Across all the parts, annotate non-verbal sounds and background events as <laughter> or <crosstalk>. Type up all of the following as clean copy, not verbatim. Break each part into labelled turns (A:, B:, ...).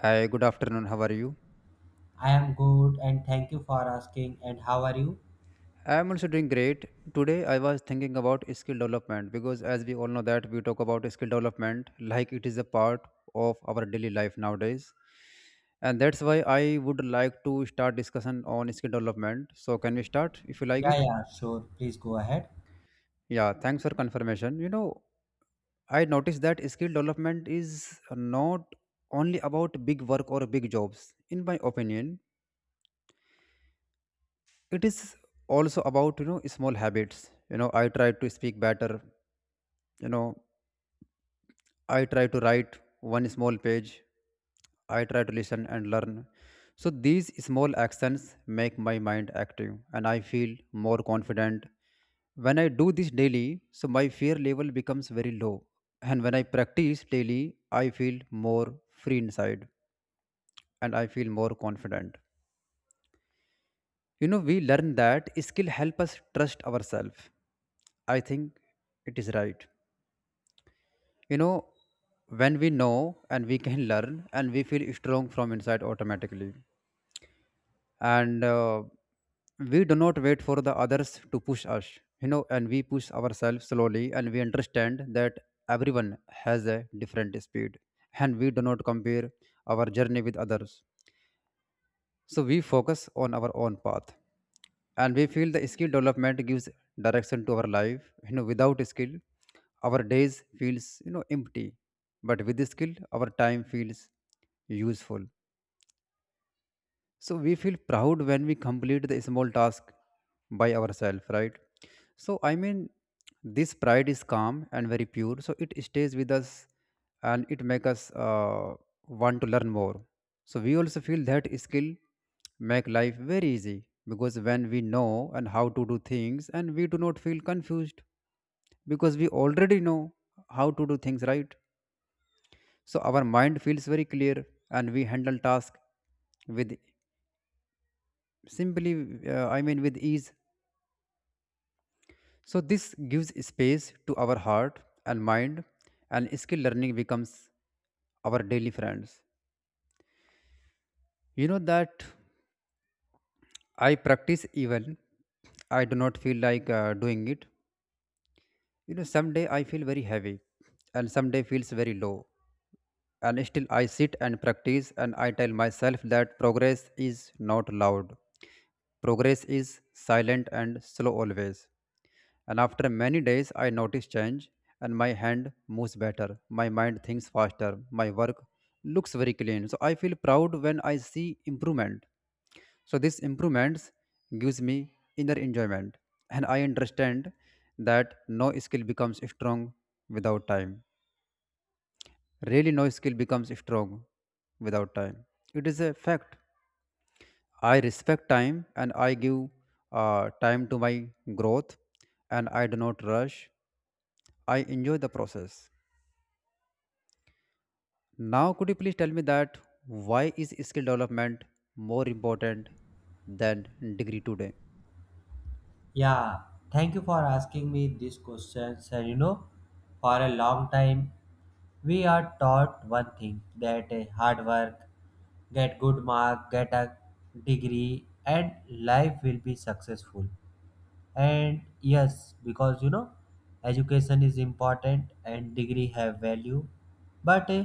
A: Hi, good afternoon. How are you?
B: I am good, and thank you for asking. And how are you?
A: I am also doing great. Today I was thinking about skill development because as we all know that we talk about skill development like it is a part of our daily life nowadays. And that's why I would like to start discussion on skill development. So can we start if you like
B: Yeah,
A: it?
B: yeah, sure. Please go ahead.
A: Yeah, thanks for confirmation. I noticed that skill development is not only about big work or big jobs. In my opinion, it is also about small habits. I try to speak better. You know i try to write one small page. I try to listen and learn. So these small actions make my mind active and I feel more confident when I do this daily, so my fear level becomes very low. And when I practice daily, I feel more free inside and I feel more confident. We learn that skill help us trust ourselves. I think it is right. You know, when we know and we can learn and we feel strong from inside automatically. And we do not wait for the others to push us, and we push ourselves slowly and we understand that everyone has a different speed and we do not compare our journey with others. So we focus on our own path and we feel the skill development gives direction to our life. Without skill, our days feels empty, but with the skill, our time feels useful. So we feel proud when we complete the small task by ourselves, right? So I mean, this pride is calm and very pure. So it stays with us, and it makes us want to learn more. So we also feel that skill make life very easy because when we know and how to do things, and we do not feel confused because we already know how to do things right. So our mind feels very clear, and we handle task with simply I mean, with ease. So this gives space to our heart and mind, and skill learning becomes our daily friends. That I practice even I do not feel like doing it. Someday I feel very heavy and someday feels very low, and still I sit and practice and I tell myself that progress is not loud. Progress is silent and slow always. And after many days, I notice change and my hand moves better. My mind thinks faster. My work looks very clean. So I feel proud when I see improvement. So these improvements gives me inner enjoyment. And I understand that no skill becomes strong without time. Really, no skill becomes strong without time. It is a fact. I respect time and I give time to my growth, and I do not rush. I enjoy the process. Now, could you please tell me that why is skill development more important than degree today?
B: Yeah, thank you for asking me these questions. And you know, for a long time, we are taught one thing that hard work, get good mark, get a degree, and life will be successful. And yes, because you know, education is important and degree have value. But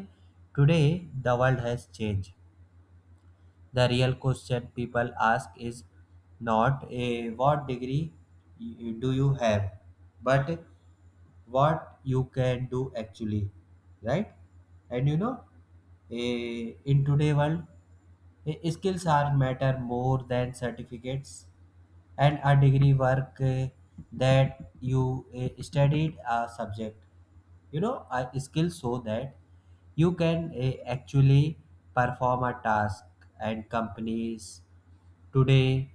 B: today the world has changed. The real question people ask is not a, what degree do you have, but what you can do actually, right? And you know, a, in today world, a- skills are matter more than certificates, and a degree work that you studied a subject, you know, a skill so that you can actually perform a task. And companies today,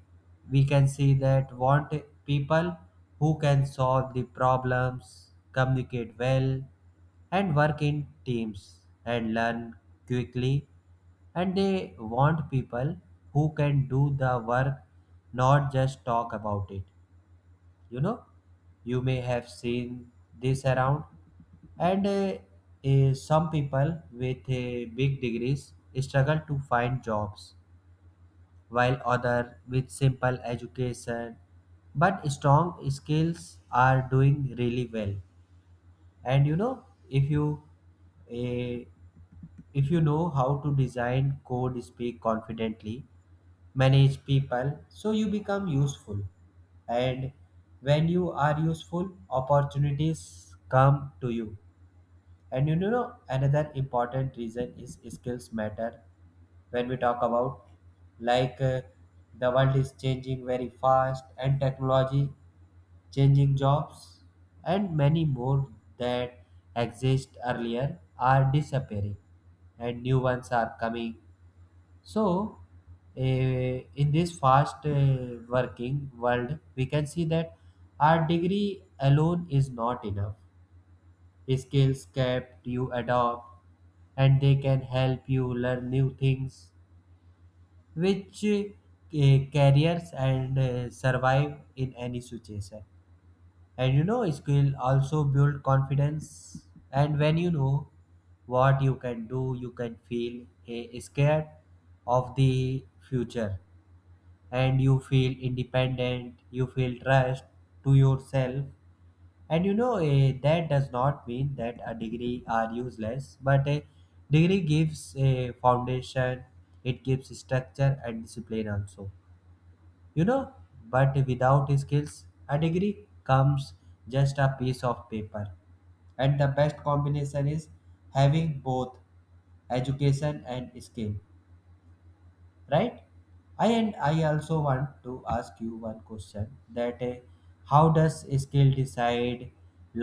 B: we can see that, want people who can solve the problems, communicate well, and work in teams and learn quickly. And they want people who can do the work, not just talk about it. You know, you may have seen this around. And some people with big degrees struggle to find jobs, while others with simple education but strong skills are doing really well. And you know, uh, if you know how to design, code, speak confidently, manage people, so you become useful. And when you are useful, opportunities come to you. And you know, another important reason is skills matter. When we talk about, like the world is changing very fast, and technology changing jobs, and many more that exist earlier are disappearing and new ones are coming. So, in this fast working world, we can see that our degree alone is not enough. Skills kept you adopt, and they can help you learn new things, which careers and survive in any situation. And you know, skill also build confidence. And when you know what you can do, you can feel scared of the future, and you feel independent, you feel trust to yourself. And you know, that does not mean that a degree are useless, but a degree gives a foundation, it gives structure and discipline also, you know. But without skills, a degree comes just a piece of paper. And the best combination is having both education and skill, right? I also want to ask you one question that how does skill decide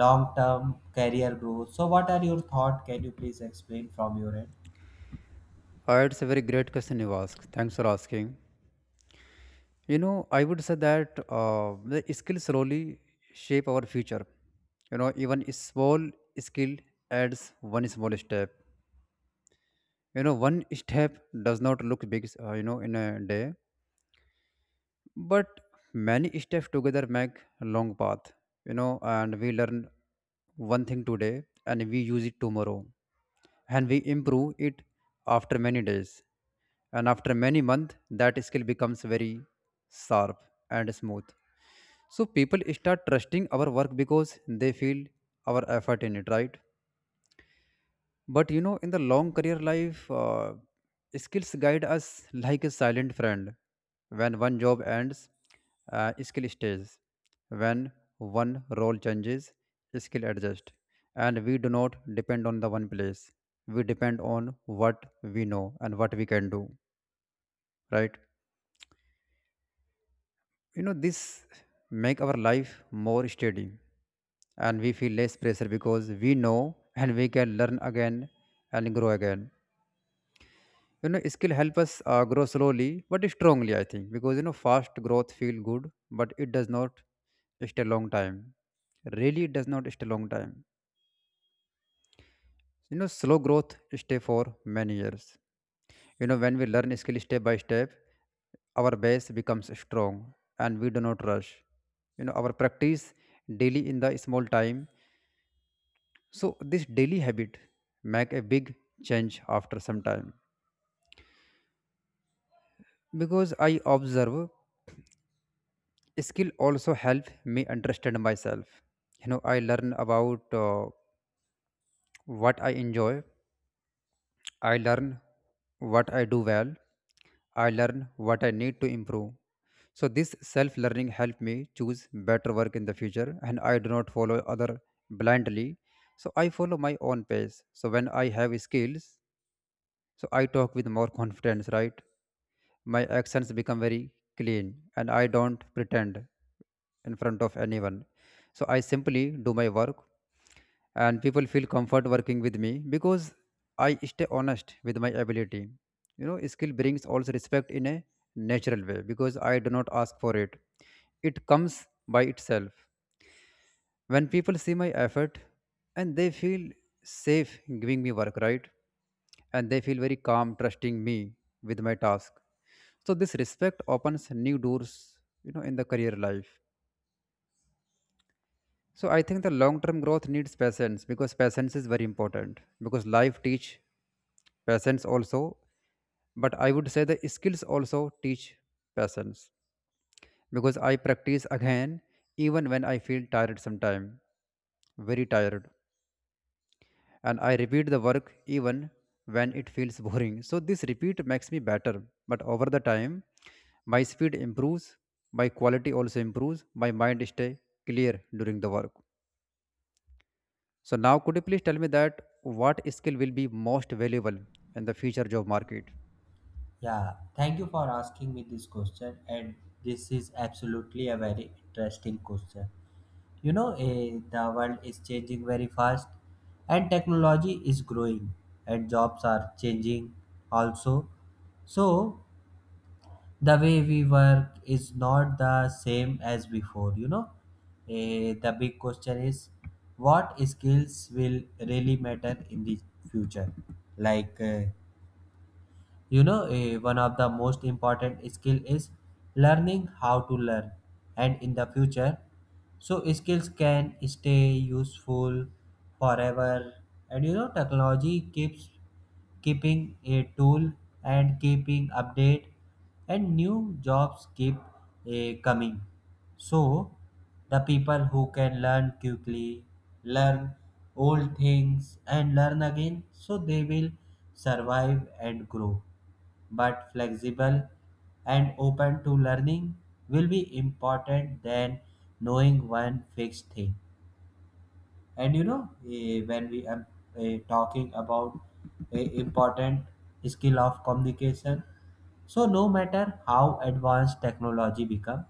B: long term career growth? So what are your thought? Can you please explain from your end?
A: It's a very great question you ask. Thanks for asking. I would say that the skills slowly shape our future. Even a small skill adds one small step. One step does not look big, in a day, but many steps together make a long path. And we learn one thing today and we use it tomorrow, and we improve it after many days, and after many months that skill becomes very sharp and smooth. So people start trusting our work because they feel our effort in it, right? But in the long career life, skills guide us like a silent friend. When one job ends, skill stays. When one role changes, skill adjusts. And we do not depend on the one place. We depend on what we know and what we can do. Right? This make our life more steady, and we feel less pressure because we know and we can learn again and grow again. Skill help us grow slowly but strongly, I think, because fast growth feel good, but it does not stay long time. Really, it does not stay long time. Slow growth stay for many years. When we learn skill step by step, our base becomes strong and we do not rush. Our practice daily in the small time. So this daily habit make a big change after some time because I observe skill also help me understand myself. I learn about what I enjoy. I learn what I do well. I learn what I need to improve. So this self learning help me choose better work in the future, and I do not follow other blindly. So I follow my own pace. So when I have skills, so I talk with more <laughs> confidence, right? My actions become very clean and I don't pretend in front of anyone. So I simply do my work and people feel comfort working with me because I stay honest with my ability. Skill brings also respect in a natural way because I do not ask for it. It comes by itself. When people see my effort and they feel safe giving me work, right? And they feel very calm trusting me with my task. So this respect opens new doors, in the career life. So I think the long-term growth needs patience because patience is very important because life teach patience also, but I would say the skills also teach patience because I practice again even when I feel tired sometime, very tired. And I repeat the work even when it feels boring. So this repeat makes me better, but over the time, my speed improves, my quality also improves, my mind stay clear during the work. So now could you please tell me that what skill will be most valuable in the future job market?
B: Yeah, thank you for asking me this question, and this is absolutely a very interesting question. You know, the world is changing very fast, and technology is growing, and jobs are changing also. So, the way we work is not the same as before, you know. The big question is, what skills will really matter in the future? Like you know, one of the most important skill is learning how to learn. And in the future, so skills can stay useful forever. And you know, technology keeps keeping a tool and keeping update, and new jobs keep coming. So the people who can learn quickly, learn old things and learn again, so they will survive and grow. But flexible and open to learning will be important than knowing one fixed thing. And you know, when we are talking about a important skill of communication, so no matter how advanced technology become,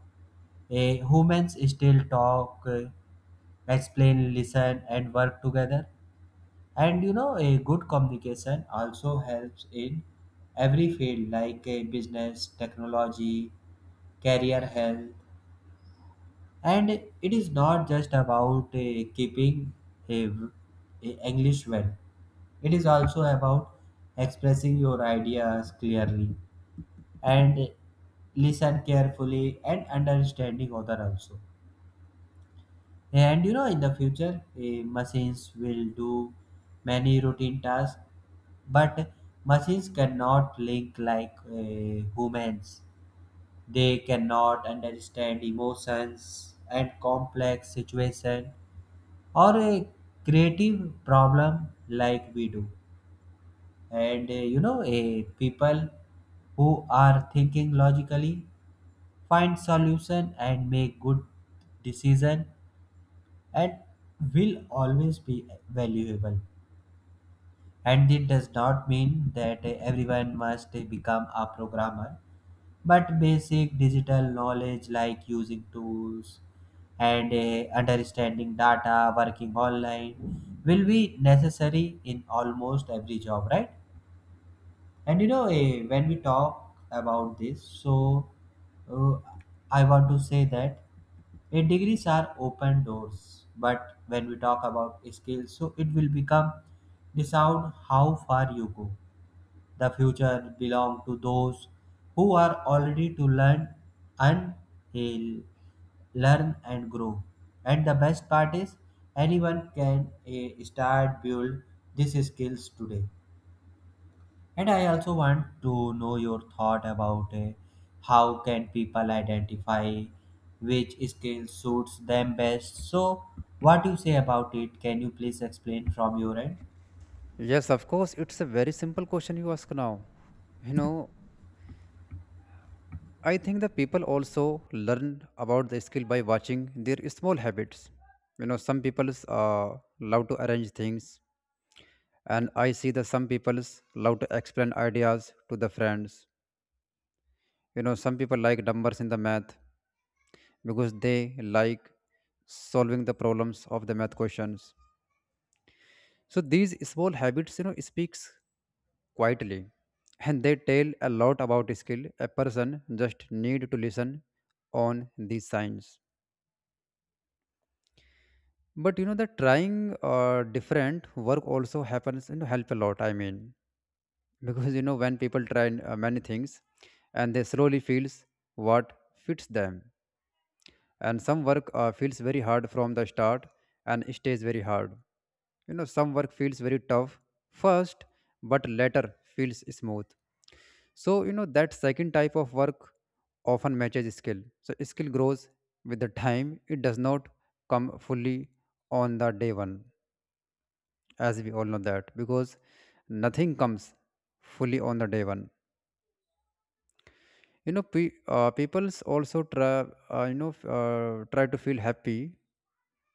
B: humans still talk, explain, listen, and work together. And you know, a good communication also helps in every field, like business, technology, career, health. And it is not just about keeping a, a English well. It is also about expressing your ideas clearly and listen carefully and understanding other also. And you know, in the future, machines will do many routine tasks, but machines cannot link like humans. They cannot understand emotions and complex situation, or a creative problem like we do. And you know, people who are thinking logically, find solution and make good decision, and will always be valuable. And it does not mean that everyone must become a programmer, but basic digital knowledge like using tools and understanding data, working online will be necessary in almost every job, right? And you know, when we talk about this, so uh, I want to say that degrees are open doors, but when we talk about skills, so it will become decide how far you go. The future belong to those who are already to learn and eh, learn and grow. And the best part is, anyone can start build these skills today. And I also want to know your thought about how can people identify which skill suits them best. So, what do you say about it? Can you please explain from your end?
A: Yes, of course, it's a very simple question you ask now. You know, I think the people also learn about the skill by watching their small habits. Some people love to arrange things, and I see that some people love to explain ideas to the friends. Some people like numbers in the math because they like solving the problems of the math questions. So these small habits, speaks quietly, and they tell a lot about skill. A person just need to listen on these signs. But the trying different work also happens, help a lot, I mean, because when people try many things, and they slowly feels what fits them. And some work feels very hard from the start and stays very hard. Some work feels very tough first, but later feels smooth. So that second type of work often matches skill. So skill grows with the time. It does not come fully on the day one, as we all know that, because nothing comes fully on the day one. You know pe- uh, people's also try, try to feel happy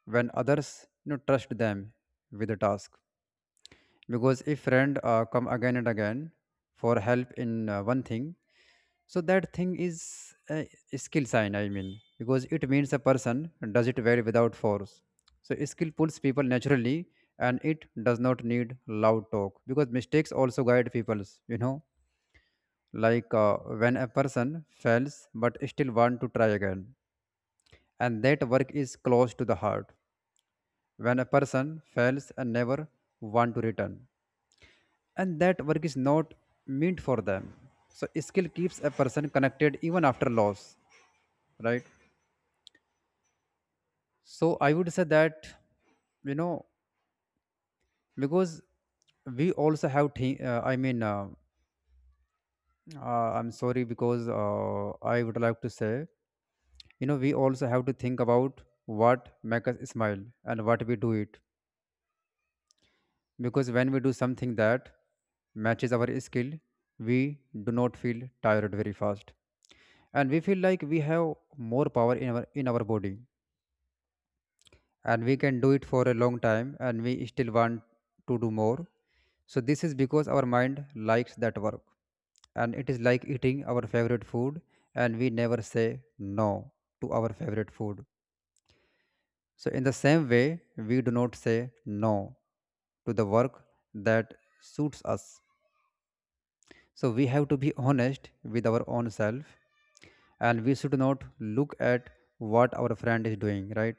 A: when others trust them with the task. Because if friend come again and again for help in one thing, so that thing is a skill sign, I mean, because it means a person does it very without force. So skill pulls people naturally and it does not need loud talk because mistakes also guide people's, like when a person fails but still want to try again, and that work is close to the heart. When a person fails and never want to return, and that work is not meant for them. So skill keeps a person connected even after loss, right? So I would say that, you know because we also have I mean, I'm sorry because I would like to say, we also have to think about what make us smile and what we do it. Because when we do something that matches our skill, we do not feel tired very fast, and we feel like we have more power in our body, and we can do it for a long time and we still want to do more. So this is because our mind likes that work, and it is like eating our favorite food. And we never say no to our favorite food. So, in the same way, we do not say no to the work that suits us. So, we have to be honest with our own self and we should not look at what our friend is doing, right?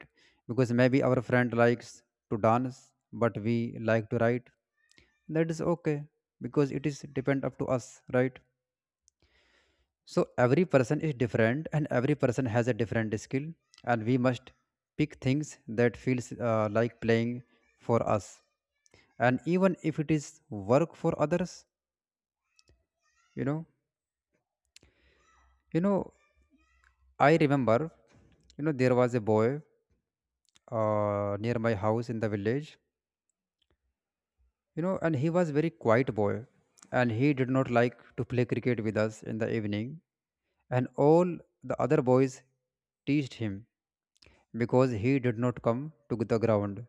A: Because maybe our friend likes to dance, but we like to write. That is okay because it is depend up to us, right? So, every person is different and every person has a different skill, and we must pick things that feels like playing for us and even if it is work for others. you know you know I remember, there was a boy near my house in the village. And he was very quiet boy, and he did not like to play cricket with us in the evening, and all the other boys teased him because he did not come to the ground.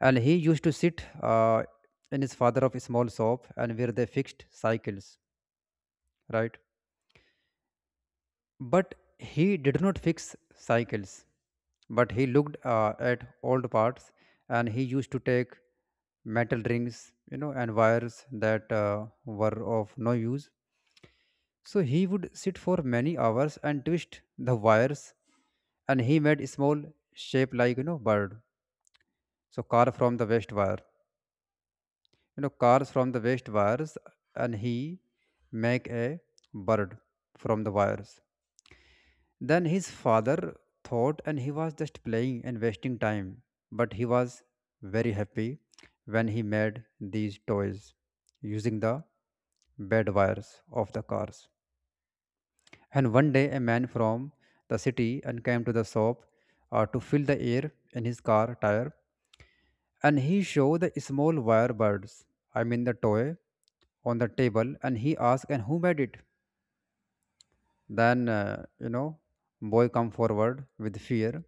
A: And he used to sit in his father of a small shop and where they fixed cycles, right? But he did not fix cycles, but he looked at old parts, and he used to take metal rings, you know, and wires that were of no use. So he would sit for many hours and twist the wires, and he made small shape like, you know, bird. So car from the waste wire, you know, cars from the waste wires, and he make a bird from the wires. Then his father thought and he was just playing and wasting time, but he was very happy when he made these toys using the bed wires of the cars. And one day a man from the city and came to the shop to fill the air in his car tire, and he showed the small wire birds, I mean the toy, on the table, and he asked and who made it? Then, you know, boy come forward with fear,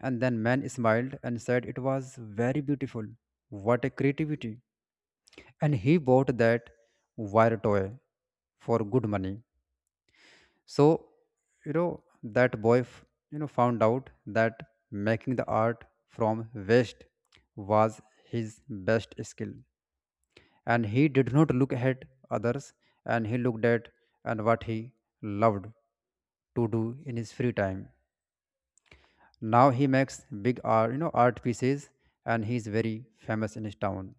A: and then man smiled and said it was very beautiful. What a creativity! And he bought that wire toy for good money. So, you know, that you know, found out that making the art from waste was his best skill, and he did not look at others, and he looked at and what he loved to do in his free time. Now he makes big art, you know, art pieces, and he's very famous in his town.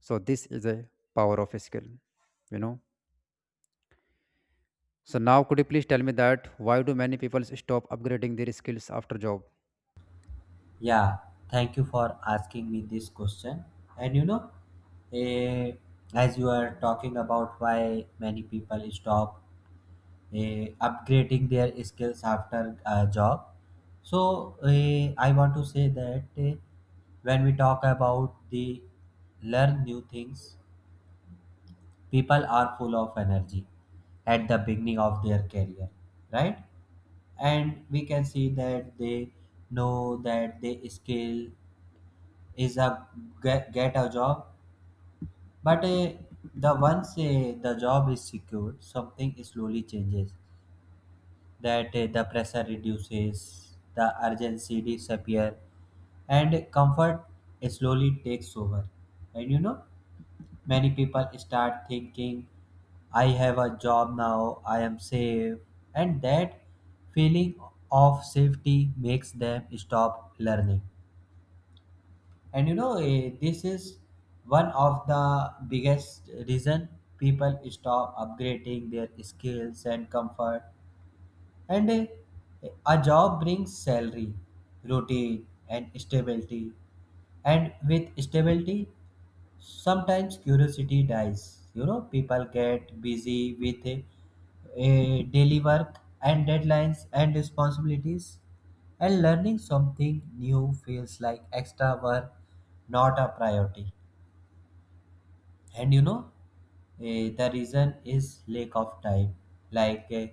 A: So this is a power of skill, you know. So now could you please tell me that why do many people stop upgrading their skills after job?
B: Yeah, thank you for asking me this question. And you know, eh, as you are talking about why many people stop upgrading their skills after a job. So I want to say that when we talk about the learn new things, people are full of energy at the beginning of their career, right? And we can see that they know that the skill is a get a job, but the once the job is secured, something slowly changes that the pressure reduces, the urgency disappear, and comfort slowly takes over. And you know, many people start thinking, "I have a job now, I am safe," and that feeling of safety makes them stop learning. And you know, this is one of the biggest reason people stop upgrading their skills. And comfort and a job brings salary, routine, and stability. And with stability, sometimes curiosity dies. You know, people get busy with a daily work and deadlines and responsibilities. And learning something new feels like extra work, not a priority. And you know, the reason is lack of time, like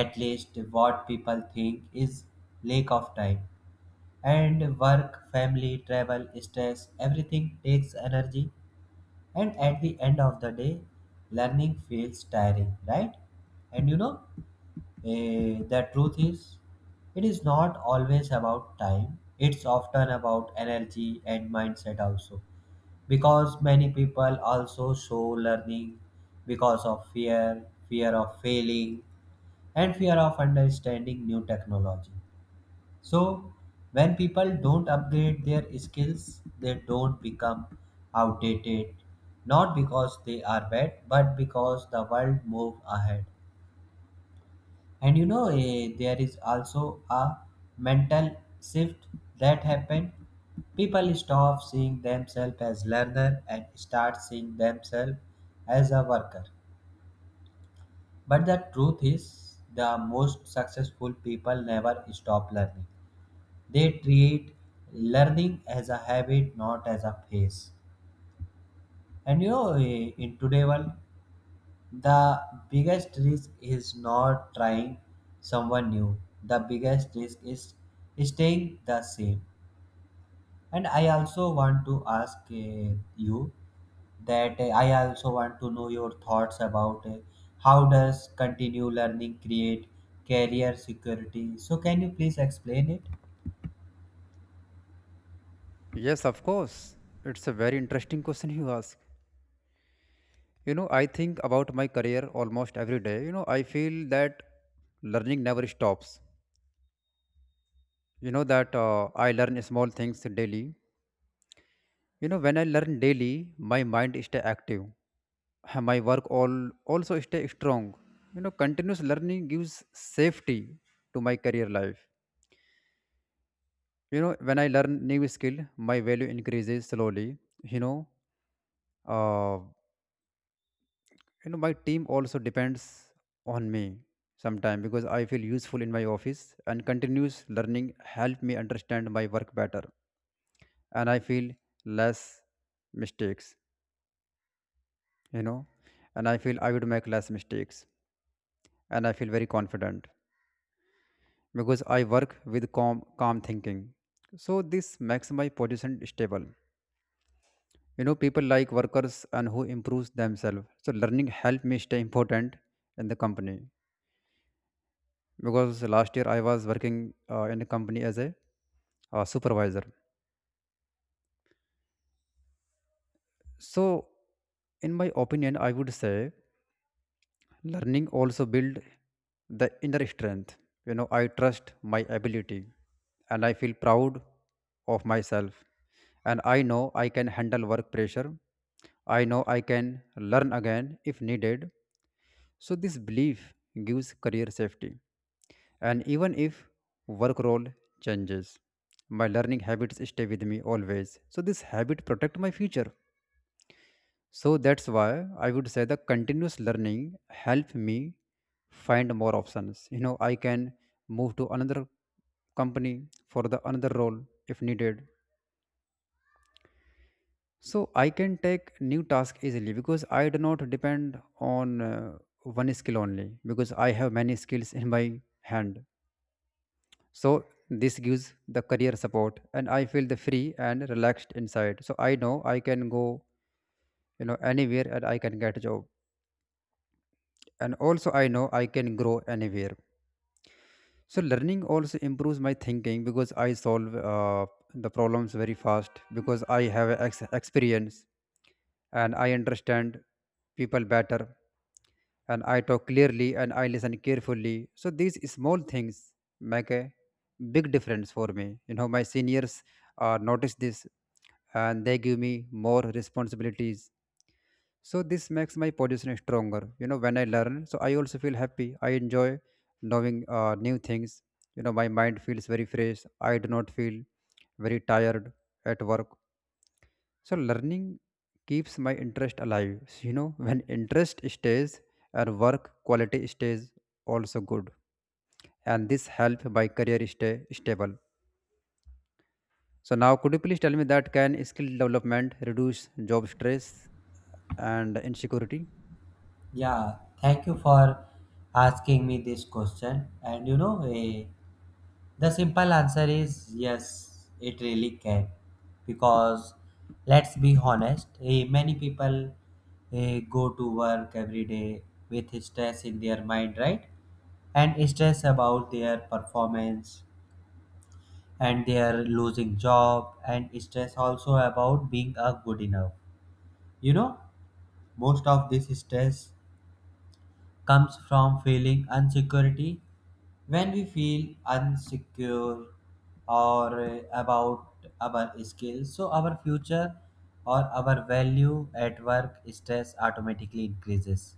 B: at least what people think is lack of time. And work, family, travel, stress, everything takes energy, and at the end of the day, learning feels tiring, right? And you know, the truth is, it is not always about time, it's often about energy and mindset also, because many people also show learning because of fear, fear of failing and fear of understanding new technology. So when people don't upgrade their skills, they don't become outdated, not because they are bad, but because the world move ahead. And you know, there is also a mental shift that happened. People stop seeing themselves as learner and start seeing themselves as a worker. But the truth is, the most successful people never stop learning. They treat learning as a habit, not as a phase. And you know, in today world, the biggest risk is not trying someone new. The biggest risk is staying the same. And I also want to ask you that I also want to know your thoughts about how does continue learning create career security. So can you please explain it?
A: Yes, of course. It's a very interesting question you ask. You know, I think about my career almost every day. You know, I feel that learning never stops. You know that I learn small things daily. You know, when I learn daily, my mind stay active, and my work all also stay strong. You know, continuous learning gives safety to my career life. You know, when I learn new skill, my value increases slowly. You know, uh, my team also depends on me sometime because I feel useful in my office, and continuous learning help me understand my work better and I feel less mistakes. You know, and I feel I would make less mistakes and I feel very confident because I work with calm thinking. So this makes my position stable. You know, people like workers and who improves themselves. So learning help me stay important in the company because last year I was working in a company as a supervisor. So, in my opinion, I would say learning also build the inner strength. You know, I trust my ability and I feel proud of myself. And I know I can handle work pressure. I know I can learn again if needed. So this belief gives career safety. And even if work role changes, my learning habits stay with me always. So this habit protect my future. So that's why I would say the continuous learning help me find more options. You know, I can move to another company for the another role if needed. So I can take new task easily because I do not depend on one skill only because I have many skills in my hand. So this gives the career support and I feel the free and relaxed inside. So I know I can go, you know, anywhere and I can get a job, and also I know I can grow anywhere. So learning also improves my thinking because I solve the problems very fast because I have experience and I understand people better, and I talk clearly and I listen carefully. So these small things make a big difference for me. You know, my seniors notice this and they give me more responsibilities. So this makes my position stronger. You know, when I learn, so I also feel happy, I enjoy knowing new things. You know, my mind feels very fresh, I do not feel very tired at work. So learning keeps my interest alive. So, you know, when interest stays and work quality stays also good, and this help my career stay stable. So now could you please tell me that can skill development reduce job stress and insecurity?
B: Yeah, thank you for asking me this question. And you know, the simple answer is yes, it really can. Because let's be honest, many people go to work every day with stress in their mind, right? And stress about their performance and their losing job, and stress also about being a good enough. You know, most of this stress comes from feeling insecurity. When we feel insecure or about our skills, so our future or our value at work, stress automatically increases.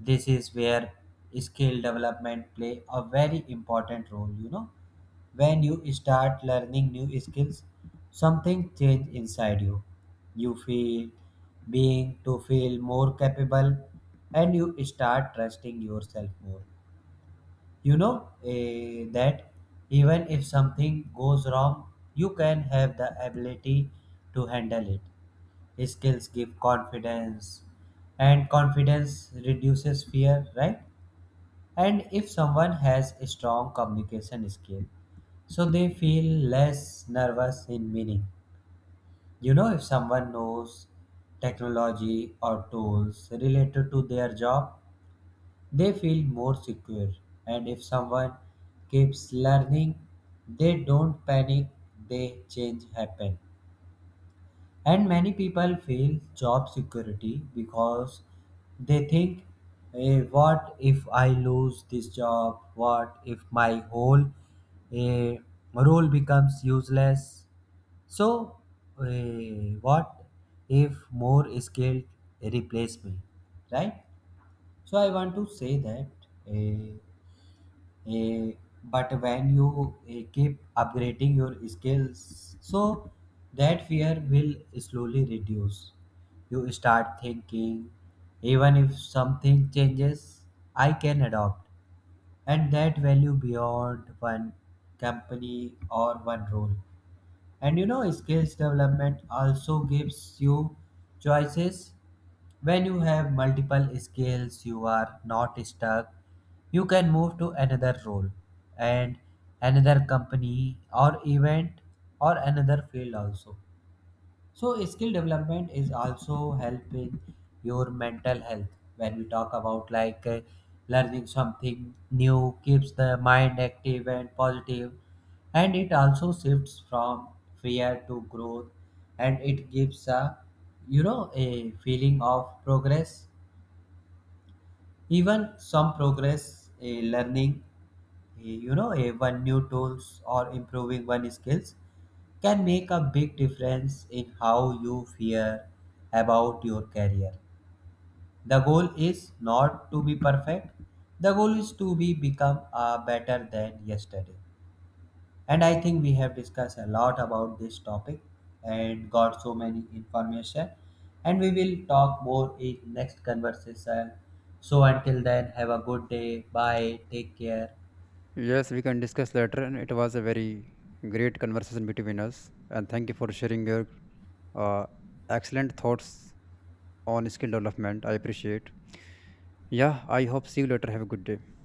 B: This is where skill development play a very important role, you know. When you start learning new skills, something change inside you. You feel being to feel more capable, and you start trusting yourself more. You know, that even if something goes wrong, you can have the ability to handle it. Skills give confidence, and confidence reduces fear, right? And if someone has a strong communication skill, so they feel less nervous in meeting. You know, if someone knows technology or tools related to their job, they feel more secure. And if someone keeps learning, they don't panic, they change happen. And many people feel job security because they think, what if I lose this job? What if my whole eh, role becomes useless? So, what if more skilled replace me? Right? So I want to say that eh, Eh, but when you keep upgrading your skills, so that fear will slowly reduce. You start thinking, even if something changes, I can adopt, and that value beyond one company or one role. And you know, skills development also gives you choices. When you have multiple skills, you are not stuck. You can move to another role and another company or event, or another field also. So skill development is also helping your mental health. When we talk about, like learning something new keeps the mind active and positive, and it also shifts from fear to growth, and it gives a, you know, a feeling of progress. Even some progress, a learning, a, you know, a one new tools or improving one skills, can make a big difference in how you fear about your career. The goal is not to be perfect, the goal is to be become better than yesterday. And I think we have discussed a lot about this topic and got so many information, and we will talk more in next conversation. So until then, have a good day. Bye, take care.
A: Yes, we can discuss later, and it was a very great conversation between us. And thank you for sharing your uh, excellent thoughts on skill development. I appreciate. Yeah, I hope see you later. Have a good day.